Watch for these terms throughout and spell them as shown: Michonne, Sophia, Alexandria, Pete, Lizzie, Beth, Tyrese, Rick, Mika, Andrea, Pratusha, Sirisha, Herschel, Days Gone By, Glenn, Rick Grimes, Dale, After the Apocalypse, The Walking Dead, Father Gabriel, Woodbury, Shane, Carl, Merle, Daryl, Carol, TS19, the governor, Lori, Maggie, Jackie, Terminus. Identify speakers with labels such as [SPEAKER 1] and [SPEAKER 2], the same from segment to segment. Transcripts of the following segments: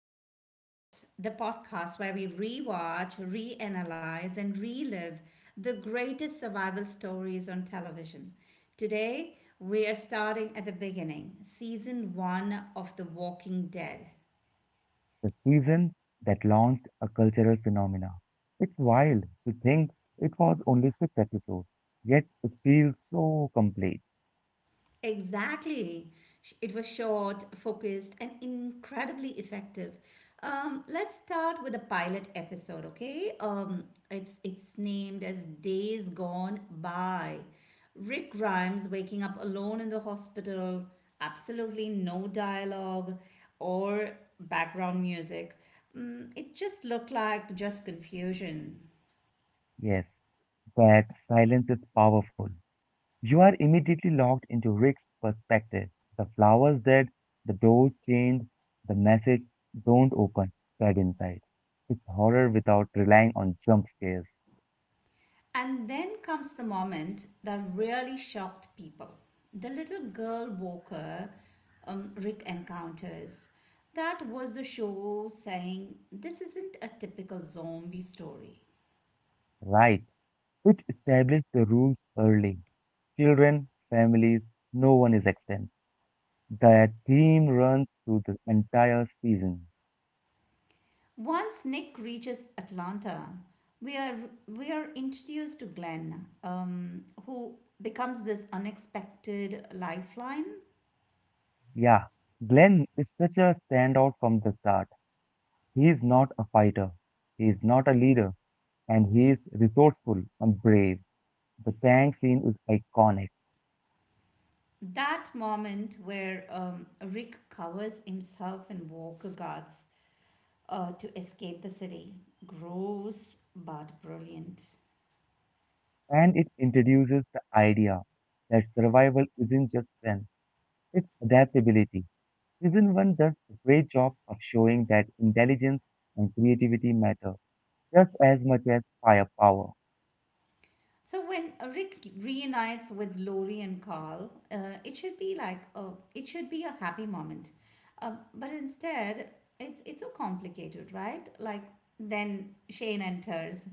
[SPEAKER 1] the Apocalypse, the podcast where we rewatch, reanalyze, and relive the greatest survival stories on television. Today, we are starting at the beginning, season one of The Walking Dead. Exactly. It was short, focused, and incredibly effective. Let's start with the pilot episode, okay? It's named as Days Gone By. Rick Grimes waking up alone in the hospital, absolutely no dialogue or background music. It just looked like just confusion. And then comes the moment that really shocked people, the little girl Walker Rick encounters. That was the show saying this isn't a typical zombie story. Once Nick reaches Atlanta, we are we are introduced to Glenn, who becomes this unexpected lifeline. That moment where Rick covers himself in Walker guards to escape the city. Gross but brilliant. So when Rick reunites with Lori and Carl, it should be like it should be a happy moment, but instead it's so complicated, right? Like then Shane enters.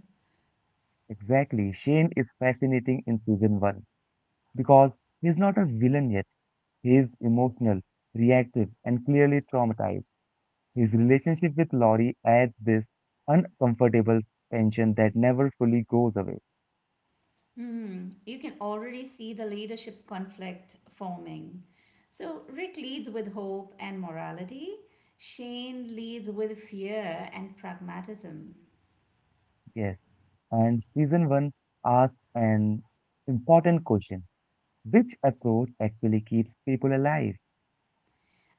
[SPEAKER 1] You can already see the leadership conflict forming. So Rick leads with hope and morality. Shane leads with fear and pragmatism.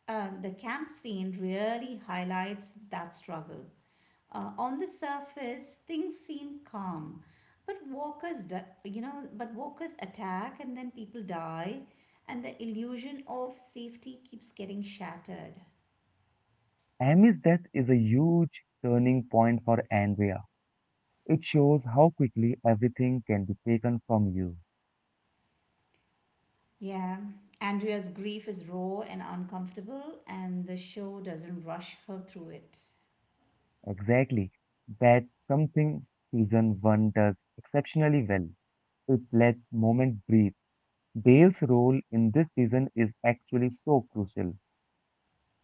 [SPEAKER 1] The camp scene really highlights that struggle. On the surface, things seem calm, but walkers, di- you know, but walkers attack and then people die, and the illusion of safety keeps getting shattered. Yeah, Andrea's grief is raw and uncomfortable, and the show doesn't rush her through it.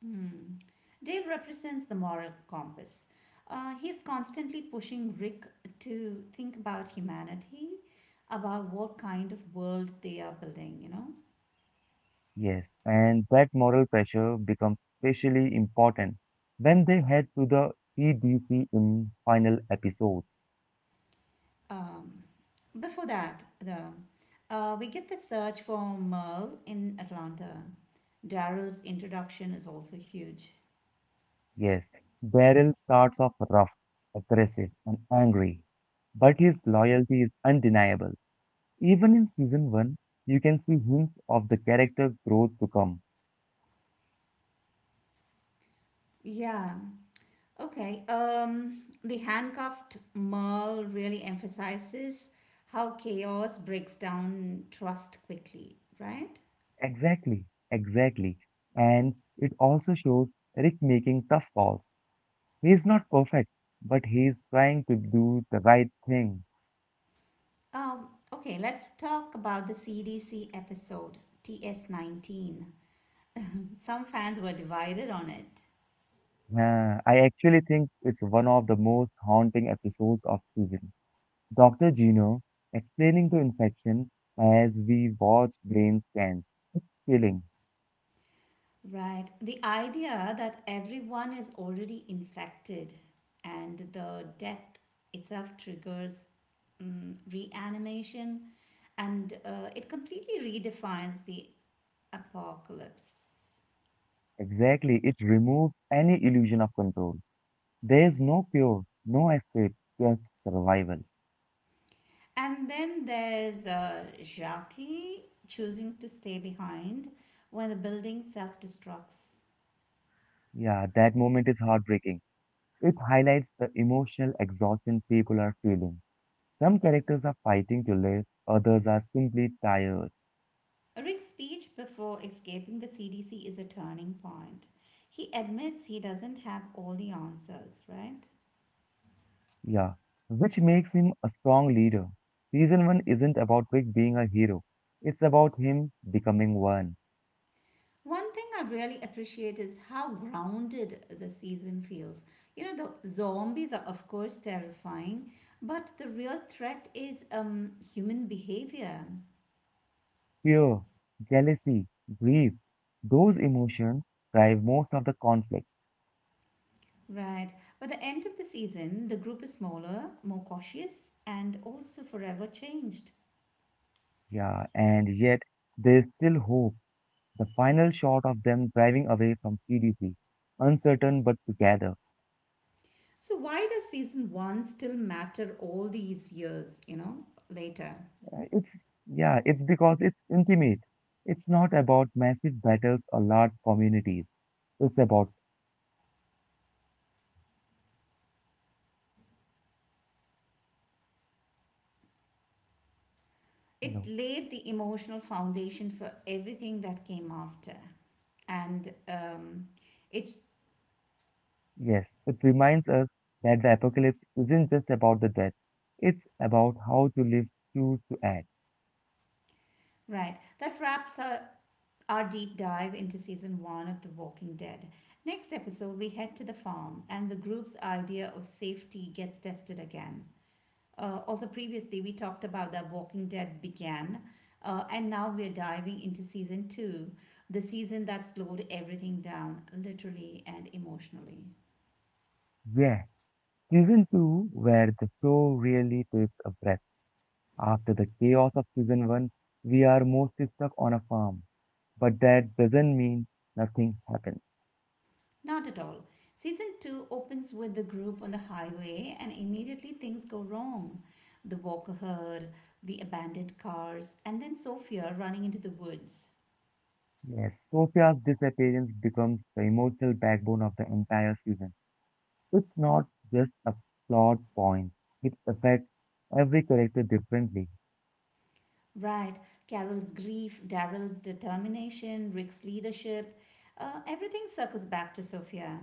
[SPEAKER 1] Hmm. Dale represents the moral compass. He's constantly pushing Rick to think about humanity, about what kind of world they are building. Um, before that, though, we get the search for Merle in Atlanta. Daryl's introduction is also huge. Yeah, okay, the handcuffed Merle really emphasizes how chaos breaks down trust quickly, right? Okay, let's talk about the CDC episode, TS19. Some fans were divided on it, right? The idea that everyone is already infected and the death itself triggers reanimation, and it completely redefines the apocalypse. And then there's Jackie choosing to stay behind when the building self destructs. Rick's speech before escaping the CDC is a turning point. He admits he doesn't have all the answers, right? One thing I really appreciate is how grounded the season feels. You know, the zombies are, of course, terrifying, but the real threat is human behavior. Right. By the end of the season, the group is smaller, more cautious, and also forever changed. So, why does season one still matter all these years, you know, later? It laid the emotional foundation for everything that came after. And it Right. That wraps our deep dive into season one of The Walking Dead. Next episode, we head to the farm, and the group's idea of safety gets tested again. Also, previously we talked about that Walking Dead began, and now we're diving into season two, the season that slowed everything down, literally and emotionally. Not at all. Season two opens with the group on the highway, and immediately things go wrong. The walker herd, the abandoned cars, and then Sophia running into the woods. Right, Carol's grief, Daryl's determination, Rick's leadership, everything circles back to Sophia.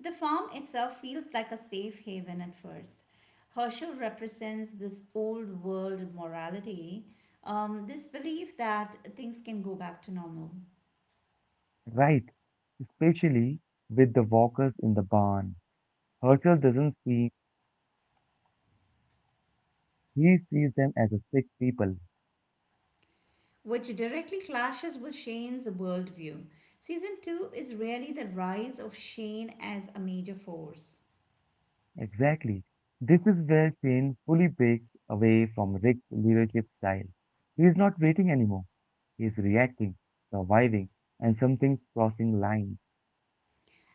[SPEAKER 1] The farm itself feels like a safe haven at first. Herschel represents this old world morality, this belief that things can go back to normal, which directly clashes with Shane's worldview. Season 2 is really the rise of Shane as a major force.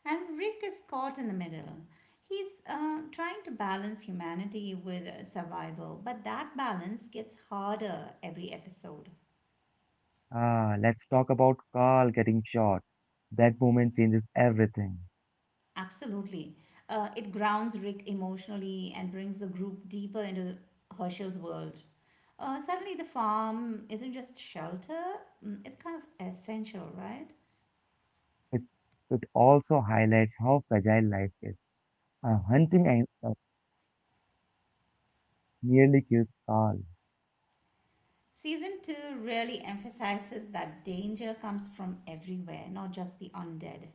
[SPEAKER 1] And Rick is caught in the middle. He's trying to balance humanity with survival, but that balance gets harder every episode. Absolutely. It grounds Rick emotionally and brings the group deeper into Herschel's world. Suddenly, the farm isn't just shelter, it's kind of essential, right? Season 2 really emphasizes that danger comes from everywhere, not just the undead.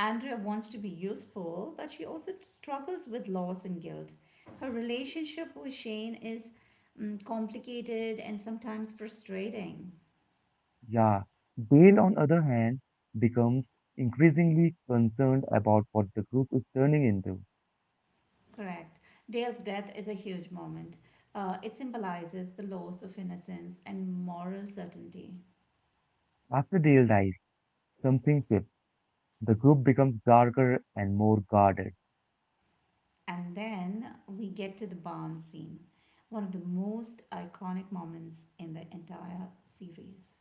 [SPEAKER 1] Andrea wants to be useful, but she also struggles with loss and guilt. Her relationship with Shane is complicated and sometimes frustrating. Correct. Dale's death is a huge moment. It symbolizes the loss of innocence and moral certainty. And then we get to the barn scene, one of the most iconic moments in the entire series.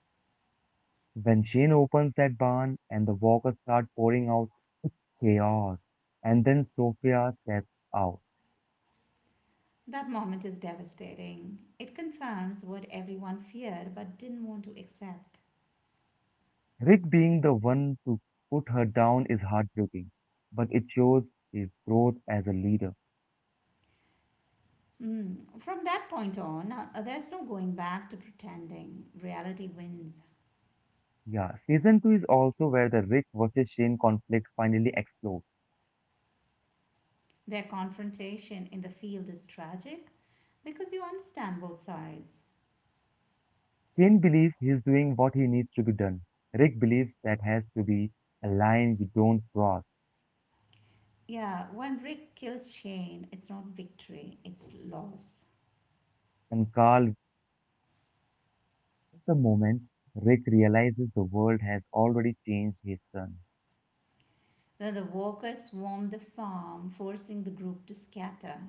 [SPEAKER 1] That moment is devastating. It confirms what everyone feared but didn't want to accept. Mm. From that point on, there's no going back to pretending. Reality wins. Their confrontation in the field is tragic because you understand both sides. Yeah, when Rick kills Shane, it's not victory, it's loss. Then the walkers swarm the farm, forcing the group to scatter.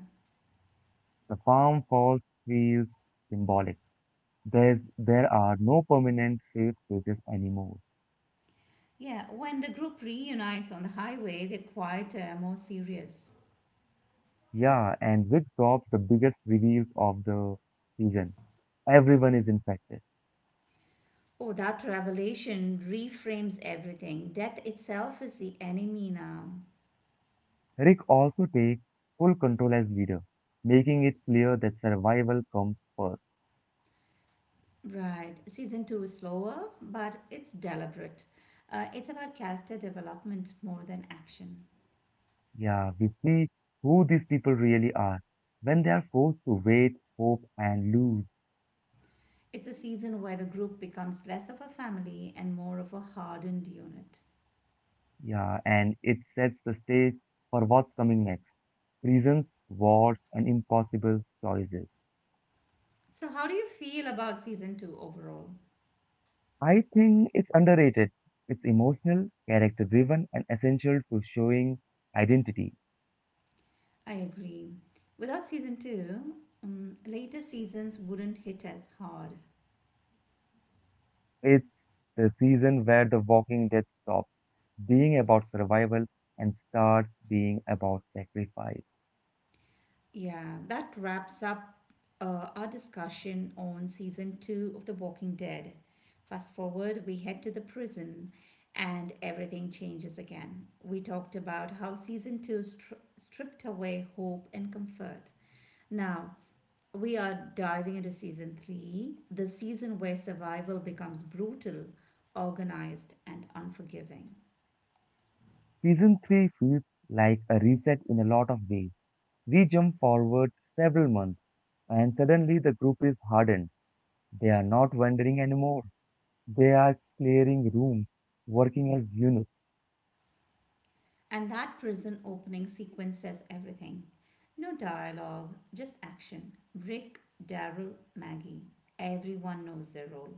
[SPEAKER 1] Yeah, when the group reunites on the highway, they're quieter, more serious. Oh, that revelation reframes everything. Death itself is the enemy now. Right. Season two is slower, but it's deliberate. It's about character development more than action. It's a season where the group becomes less of a family and more of a hardened unit. So, how do you feel about season two overall? I agree. Without season two, later seasons wouldn't hit as hard. Yeah, that wraps up our discussion on season two of The Walking Dead. Fast forward, we head to the prison and everything changes again. We talked about how season two stripped away hope and comfort. Now, we are diving into season three, the season where survival becomes brutal, organized, and unforgiving. And that prison opening sequence says everything. No dialogue, just action. Rick, Daryl, Maggie. Everyone knows their role.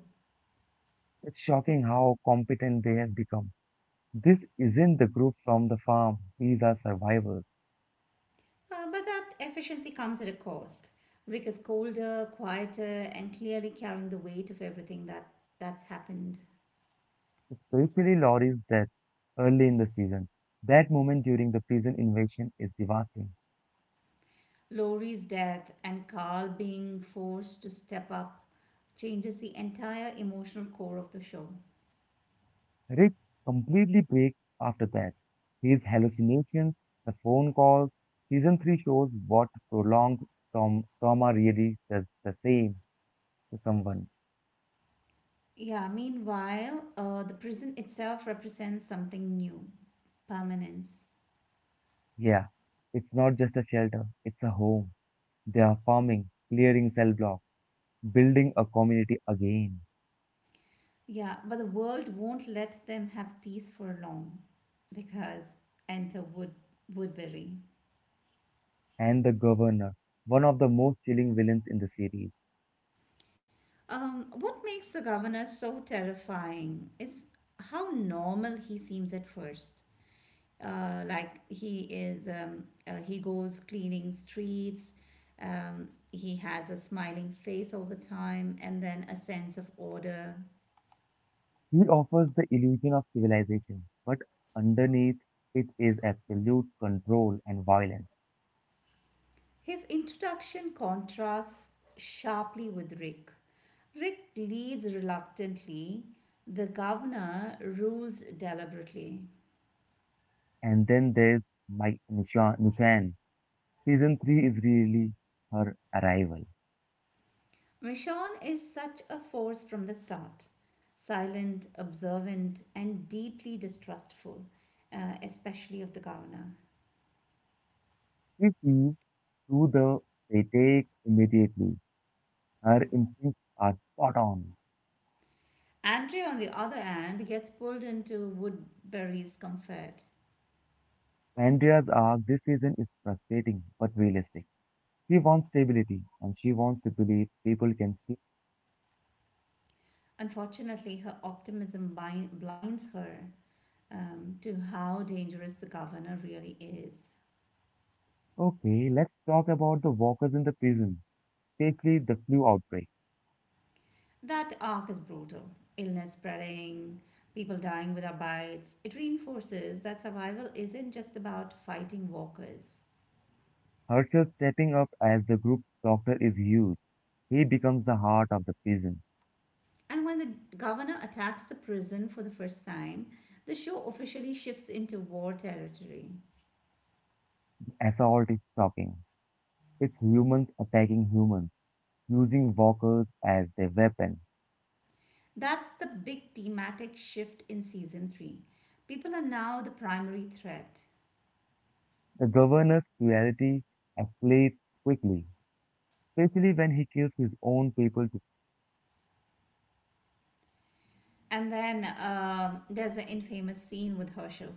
[SPEAKER 1] But that efficiency comes at a cost. Rick is colder, quieter, and clearly carrying the weight of that's happened. Lori's death and Carl being forced to step up changes the entire emotional core of the show. Yeah, meanwhile, the prison itself represents something new, permanence. Yeah, but the world won't let them have peace for long because enter Woodbury. What makes the governor so terrifying is how normal he seems at first. He goes cleaning streets, he has a smiling face all the time, and then a sense of order. His introduction contrasts sharply with Rick. Rick leads reluctantly, the governor rules deliberately. Michonne is such a force from the start, silent, observant, and deeply distrustful, especially of the governor. Andrea, on the other hand, gets pulled into Woodbury's comfort. Unfortunately, her optimism blinds her to how dangerous the governor really is. That arc is brutal, illness spreading, people dying without bites. It reinforces that survival isn't just about fighting walkers. And when the governor attacks the prison for the first time, the show officially shifts into war territory. That's the big thematic shift in season 3. People are now the primary threat. And then there's the infamous scene with Herschel.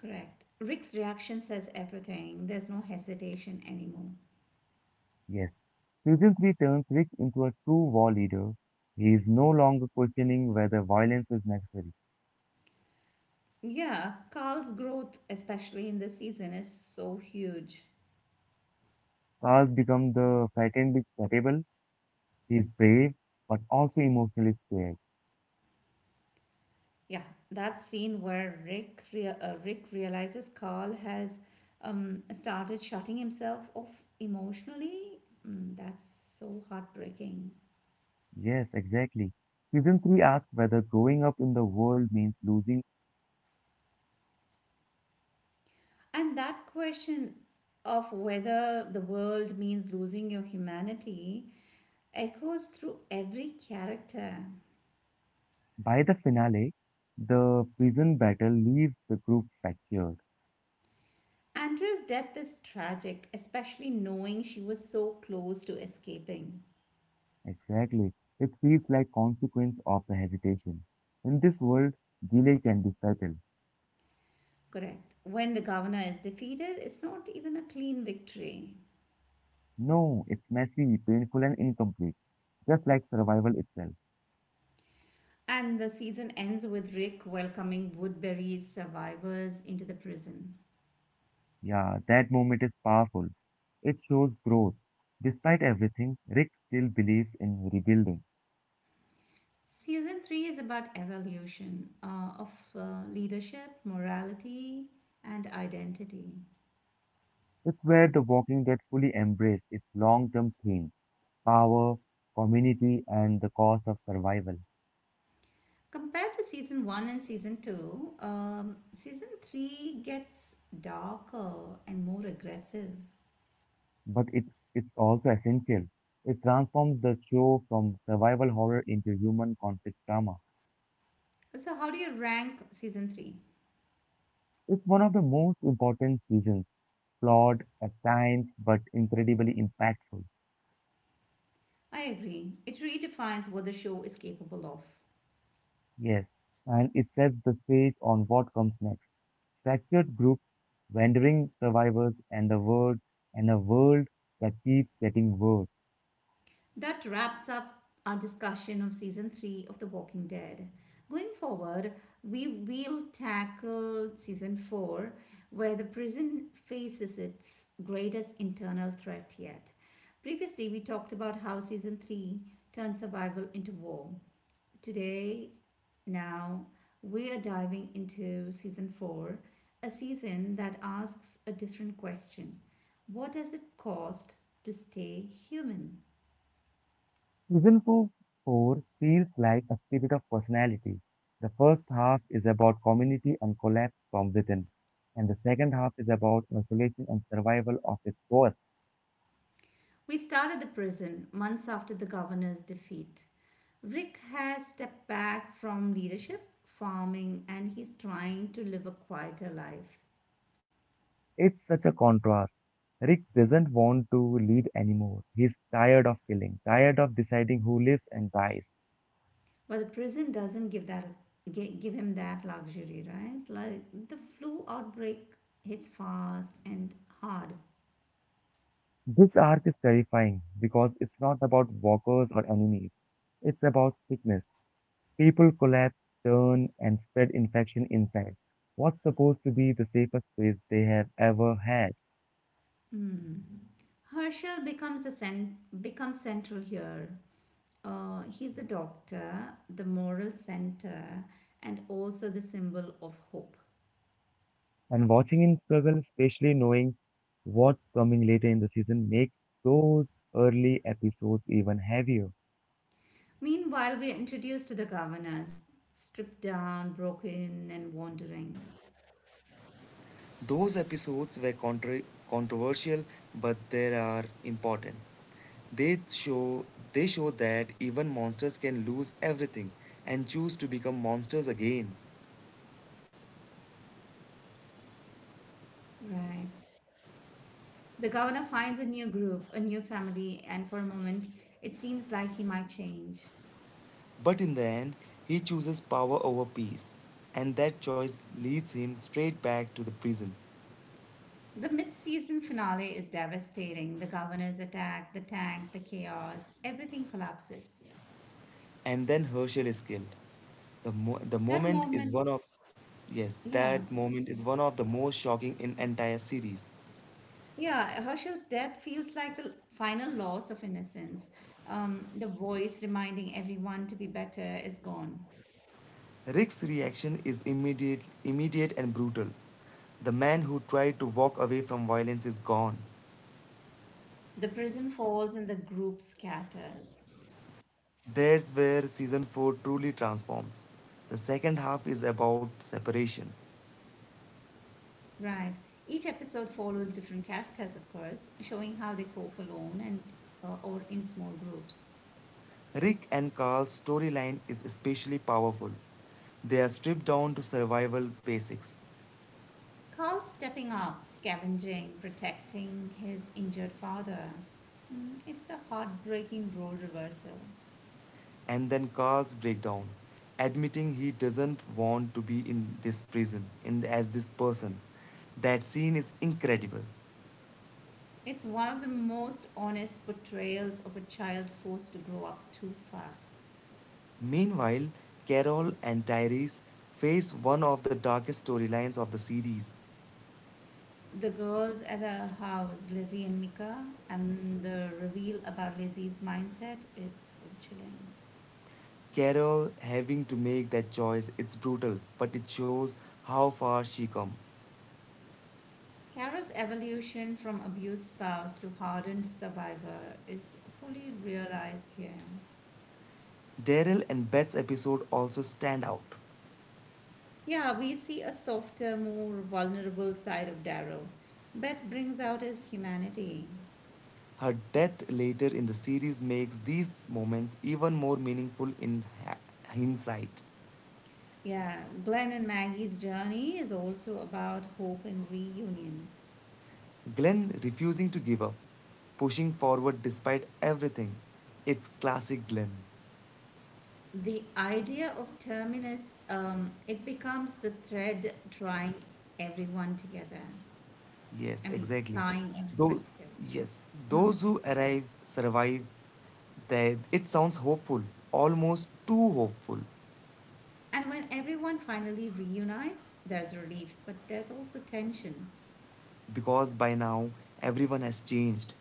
[SPEAKER 1] Correct. Rick's reaction says everything. There's no hesitation anymore. Yeah, Carl's growth, especially in this season, is so huge. Yeah, that scene where Rick realizes Carl has started shutting himself off emotionally. That's so heartbreaking. And that question of whether the world means losing your humanity echoes through every character. Andrea's death is tragic, especially knowing she was so close to escaping. Correct. When the governor is defeated, it's not even a clean victory. And the season ends with Rick welcoming Woodbury's survivors into the prison. Season 3 is about evolution of uh, leadership, morality, and identity. Compared to season one and season two, season three gets darker and more aggressive. So, how do you rank season three? I agree. It redefines what the show is capable of. That wraps up our discussion of season 3 of The Walking Dead. Going forward, we will tackle season 4 where the prison faces its greatest internal threat yet. Previously, we talked about how season 3 turned survival into war. Today, now, we are diving into season 4, a season that asks a different question. What does it cost to stay human? We start at the prison, months after the governor's defeat. Rick has stepped back from leadership, farming, and he's trying to live a quieter life. But the prison doesn't give him that luxury, right? Like the flu outbreak hits fast and hard. Mm. Herschel becomes central here. He's a doctor, the moral center, and also the symbol of hope. Meanwhile, we are introduced to the governors, stripped down, broken, and wandering.
[SPEAKER 2] Those episodes were controversial, but they are important. They show they show that even monsters can lose everything and choose to become monsters again.
[SPEAKER 1] Right. The governor finds a new group, a new family, and for a moment, it seems like he might change.
[SPEAKER 2] But in the end, he chooses power over peace, and that choice leads him straight back to the prison.
[SPEAKER 1] The mid season finale is devastating. The governor's attack, the tank, the chaos, everything collapses.
[SPEAKER 2] And then Herschel is killed. The mo- the
[SPEAKER 1] That
[SPEAKER 2] moment is
[SPEAKER 1] moment,
[SPEAKER 2] one of Yes,
[SPEAKER 1] yeah.
[SPEAKER 2] that moment is one of the most shocking in entire series.
[SPEAKER 1] Yeah, Herschel's death feels like the final loss of innocence. The voice reminding everyone to be better is gone.
[SPEAKER 2] Rick's reaction is immediate and brutal. The man who tried to walk away from violence is gone.
[SPEAKER 1] The prison falls and the group scatters.
[SPEAKER 2] That's where season 4 truly transforms. The second half is about separation.
[SPEAKER 1] Right. Each episode follows different characters, of course, showing how they cope alone and or in small groups.
[SPEAKER 2] Rick and Carl's storyline is especially powerful. They are stripped down to survival basics,
[SPEAKER 1] Carl stepping up, scavenging, protecting his injured father. Mm, it's a heartbreaking role reversal.
[SPEAKER 2] and then Carl's breakdown, admitting he doesn't want to be in this prison in the, as this person. That scene is incredible.
[SPEAKER 1] It's one of the most honest portrayals of a child forced to grow up too fast.
[SPEAKER 2] Meanwhile, Carol and Tyrese face one of the darkest storylines of the series.
[SPEAKER 1] The girls at the house, Lizzie and Mika, and the reveal about Lizzie's mindset is so chilling.
[SPEAKER 2] Carol having to make that choice, it's brutal, but it shows how far she come.
[SPEAKER 1] Carol's evolution from abused spouse to hardened survivor is fully realized here.
[SPEAKER 2] Daryl and Beth's episode also stand out.
[SPEAKER 1] Yeah, we see a softer, more vulnerable side of Darrow. Beth brings out his humanity.
[SPEAKER 2] Her death later in the series makes these moments even more meaningful in hindsight.
[SPEAKER 1] Yeah, Glenn and Maggie's journey is also about hope and reunion.
[SPEAKER 2] Glenn refusing to give up, pushing forward despite everything. It's classic Glenn.
[SPEAKER 1] The idea of terminus, it becomes the thread drawing everyone together.
[SPEAKER 2] Yes,
[SPEAKER 1] I mean,
[SPEAKER 2] exactly.
[SPEAKER 1] tying
[SPEAKER 2] Though,
[SPEAKER 1] everyone together.
[SPEAKER 2] yes, those who arrive survive. They, it sounds hopeful, almost too hopeful,
[SPEAKER 1] And when everyone finally reunites, there's relief, but there's also tension.
[SPEAKER 2] because by now everyone has changed.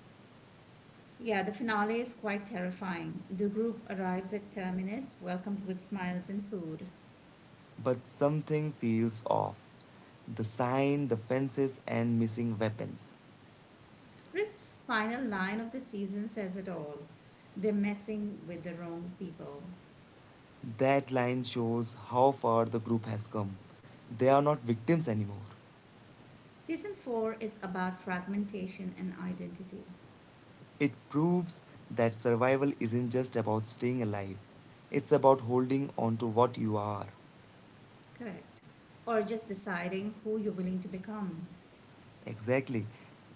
[SPEAKER 1] Yeah, the finale is quite terrifying. The group arrives at terminus, welcomed with smiles and food.
[SPEAKER 2] But something feels off. The sign, the fences, and missing weapons.
[SPEAKER 1] Rick's final line of the season says it all. They're messing with the wrong people.
[SPEAKER 2] That line shows how far the group has come. They are not victims anymore.
[SPEAKER 1] Season 4 is about fragmentation and identity.
[SPEAKER 2] It proves that survival isn't just about staying alive, it's about holding on to what you are.
[SPEAKER 1] Correct. Or just deciding who you're willing to become.
[SPEAKER 2] Exactly.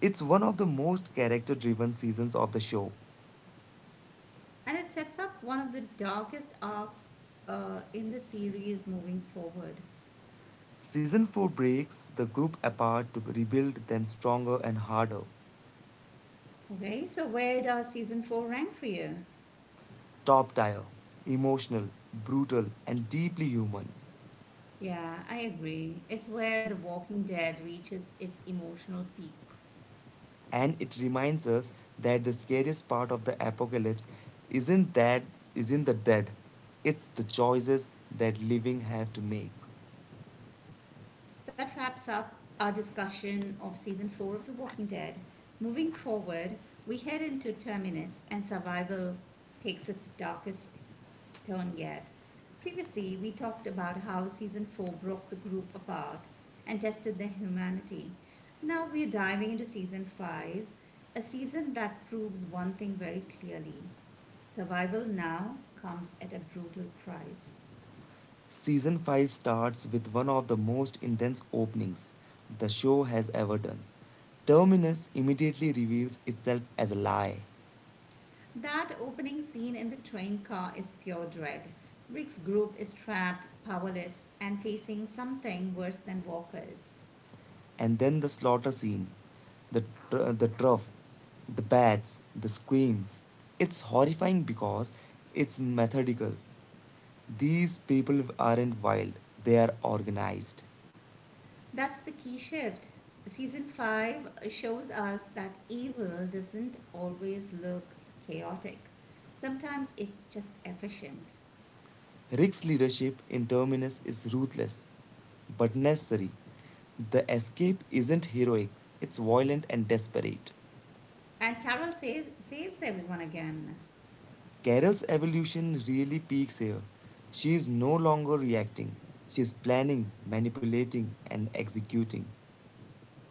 [SPEAKER 2] It's one of the most character driven seasons of the show.
[SPEAKER 1] And it sets up one of the darkest arcs in the series moving forward.
[SPEAKER 2] Season 4 breaks the group apart to rebuild them stronger and harder.
[SPEAKER 1] Okay, so where does season four rank for you?
[SPEAKER 2] Top tier, emotional, brutal, and deeply human.
[SPEAKER 1] Yeah, I agree. It's where The Walking Dead reaches its emotional peak.
[SPEAKER 2] And it reminds us that the scariest part of the apocalypse isn't that isn't the dead. It's the choices that living have to make.
[SPEAKER 1] That wraps up our discussion of season four of The Walking Dead. Moving forward, we head into Terminus and survival takes its darkest turn yet. Previously, we talked about how season four broke the group apart and tested their humanity. Now we're diving into season five, a season that proves one thing very clearly, survival now comes at a brutal price.
[SPEAKER 2] Season 5 starts with one of the most intense openings the show has ever done. Terminus immediately reveals itself as a lie.
[SPEAKER 1] That opening scene in the train car is pure dread. Rick's group is trapped, powerless, and facing something worse than walkers.
[SPEAKER 2] And then the slaughter scene, the, the trough, the bats, the screams. It's horrifying because it's methodical. These people aren't wild, they are organized.
[SPEAKER 1] That's the key shift. Season 5 shows us that evil doesn't always look chaotic, sometimes it's just efficient.
[SPEAKER 2] Rick's leadership in Terminus is ruthless, but necessary. The escape isn't heroic, it's violent and desperate.
[SPEAKER 1] And Carol says, saves everyone again.
[SPEAKER 2] Carol's evolution really peaks here. She is no longer reacting, she is planning, manipulating, and executing.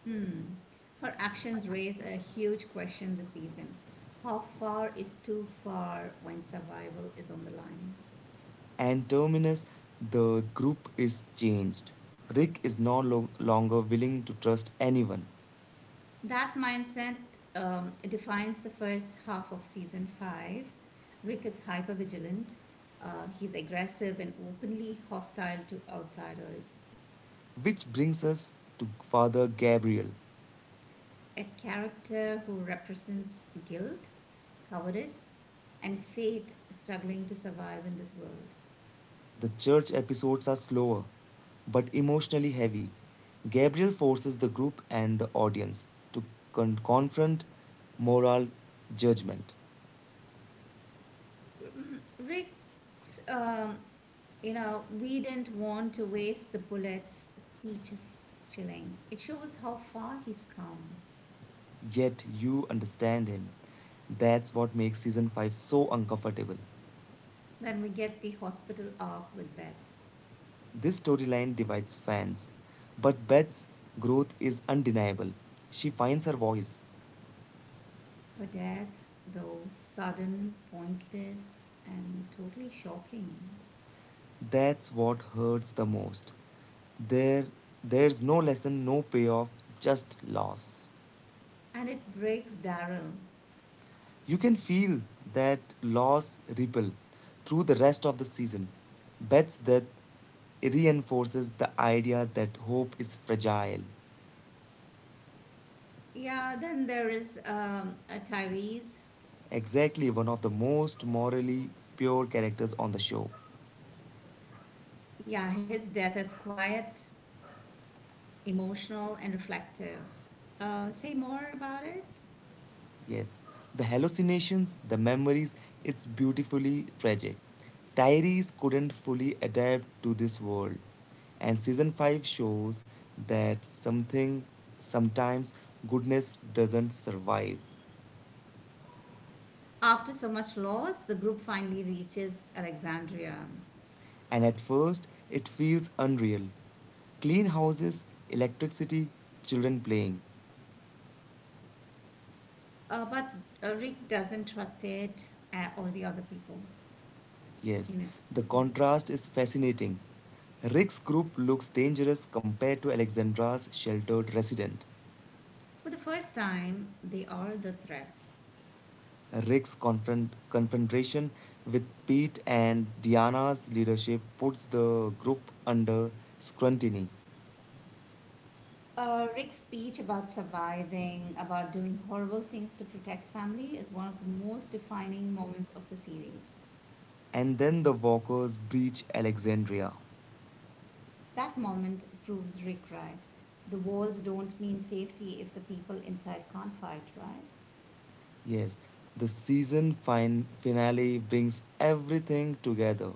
[SPEAKER 1] Hmm. Her actions raise a huge question this season. How far is too far when survival is on the line?
[SPEAKER 2] And Terminus, the group is changed. Rick is no lo- longer willing to trust anyone.
[SPEAKER 1] That mindset defines the first half of season five. Rick is hypervigilant. He's aggressive and openly hostile to outsiders.
[SPEAKER 2] Which brings us to Father Gabriel.
[SPEAKER 1] A character who represents guilt, cowardice, and faith struggling to survive in this world.
[SPEAKER 2] The church episodes are slower, but emotionally heavy. Gabriel forces the group and the audience to confront moral judgment.
[SPEAKER 1] Mm, Rick's, you know, we didn't want to waste the bullets speech is chilling. It shows how far he's come.
[SPEAKER 2] Yet you understand him. That's what makes season 5 so uncomfortable.
[SPEAKER 1] Then we get the hospital arc with Beth.
[SPEAKER 2] This storyline divides fans, but Beth's growth is undeniable. She finds her voice.
[SPEAKER 1] Her death, though sudden, pointless, and totally shocking.
[SPEAKER 2] That's what hurts the most. There there's no lesson, no payoff, just loss.
[SPEAKER 1] And it breaks Daryl.
[SPEAKER 2] You can feel that loss ripple through the rest of the season. Beth's death reinforces the idea that hope is fragile.
[SPEAKER 1] Yeah, then there is Tyrese.
[SPEAKER 2] Exactly, one of the most morally pure characters on the show.
[SPEAKER 1] Yeah, his death is quiet, emotional, and reflective. Say more about it?
[SPEAKER 2] Yes, the hallucinations, the memories, it's beautifully tragic. Tyrese couldn't fully adapt to this world. And season 5 shows that sometimes, goodness doesn't survive.
[SPEAKER 1] After so much loss, the group finally reaches Alexandria.
[SPEAKER 2] And at first, it feels unreal. Clean houses, electricity, children playing.
[SPEAKER 1] But Rick doesn't trust it or the other people
[SPEAKER 2] Yes,
[SPEAKER 1] in it.
[SPEAKER 2] the contrast is fascinating. Rick's group looks dangerous compared to Alexandra's sheltered resident.
[SPEAKER 1] For the first time, they are the threat.
[SPEAKER 2] Confrontation with Pete and Diana's leadership puts the group under scrutiny.
[SPEAKER 1] Rick's speech about surviving, about doing horrible things to protect family, is one of the most defining moments of the series.
[SPEAKER 2] And then the walkers breach Alexandria.
[SPEAKER 1] That moment proves Rick right. The walls don't mean safety if the people inside can't fight, right?
[SPEAKER 2] Yes, the finale brings everything together: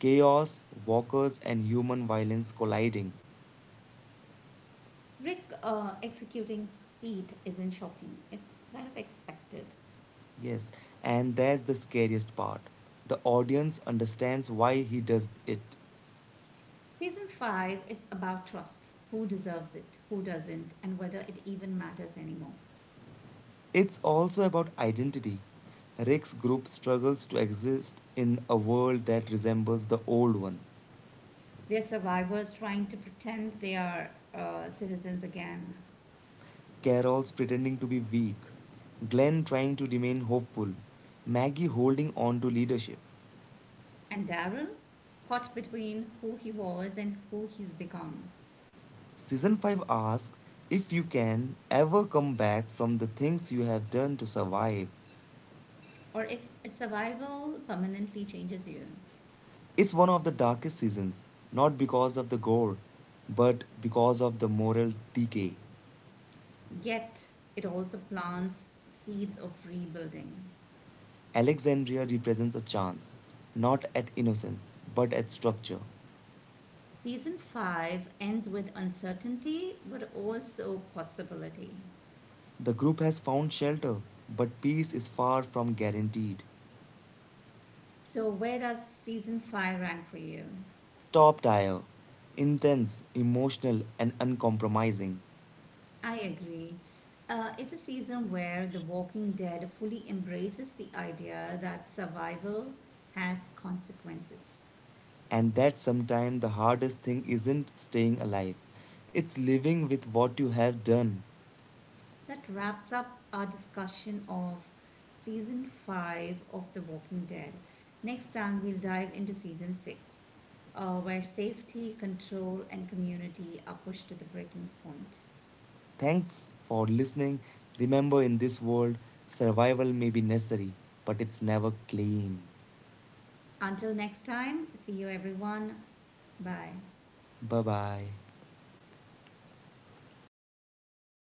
[SPEAKER 2] chaos, walkers, and human violence colliding.
[SPEAKER 1] Rick executing Pete isn't shocking, it's kind of expected.
[SPEAKER 2] Yes, and that's the scariest part. The audience understands why he does it.
[SPEAKER 1] Season 5 is about trust, who deserves it, who doesn't, and whether it even matters anymore.
[SPEAKER 2] It's also about identity. Rick's group struggles to exist in a world that resembles the old one.
[SPEAKER 1] They're survivors trying to pretend they are citizens again.
[SPEAKER 2] Carol's pretending to be weak, Glenn trying to remain hopeful, Maggie holding on to leadership.
[SPEAKER 1] And Daryl? Caught between who he was and who he's become.
[SPEAKER 2] Season 5 asks if you can ever come back from the things you have done to survive.
[SPEAKER 1] Or if survival permanently changes you.
[SPEAKER 2] It's one of the darkest seasons, not because of the gore, but because of the moral decay.
[SPEAKER 1] Yet, it also plants seeds of rebuilding.
[SPEAKER 2] Alexandria represents a chance, not at innocence, but at structure.
[SPEAKER 1] Season 5 ends with uncertainty but also possibility.
[SPEAKER 2] The group has found shelter, but peace is far from guaranteed.
[SPEAKER 1] So, where does season 5 rank for you?
[SPEAKER 2] Top tier, intense, emotional, and uncompromising.
[SPEAKER 1] I agree. It's a season where The Walking Dead fully embraces the idea that survival has consequences.
[SPEAKER 2] And that sometimes the hardest thing isn't staying alive, it's living with what you have done.
[SPEAKER 1] That wraps up our discussion of season 5 of The Walking Dead. Next time, we'll dive into season 6, where safety, control, and community are pushed to the breaking point.
[SPEAKER 2] Thanks for listening. Remember, in this world, survival may be necessary, but it's never clean.
[SPEAKER 1] Until next time, see you everyone. Bye.
[SPEAKER 2] Bye bye.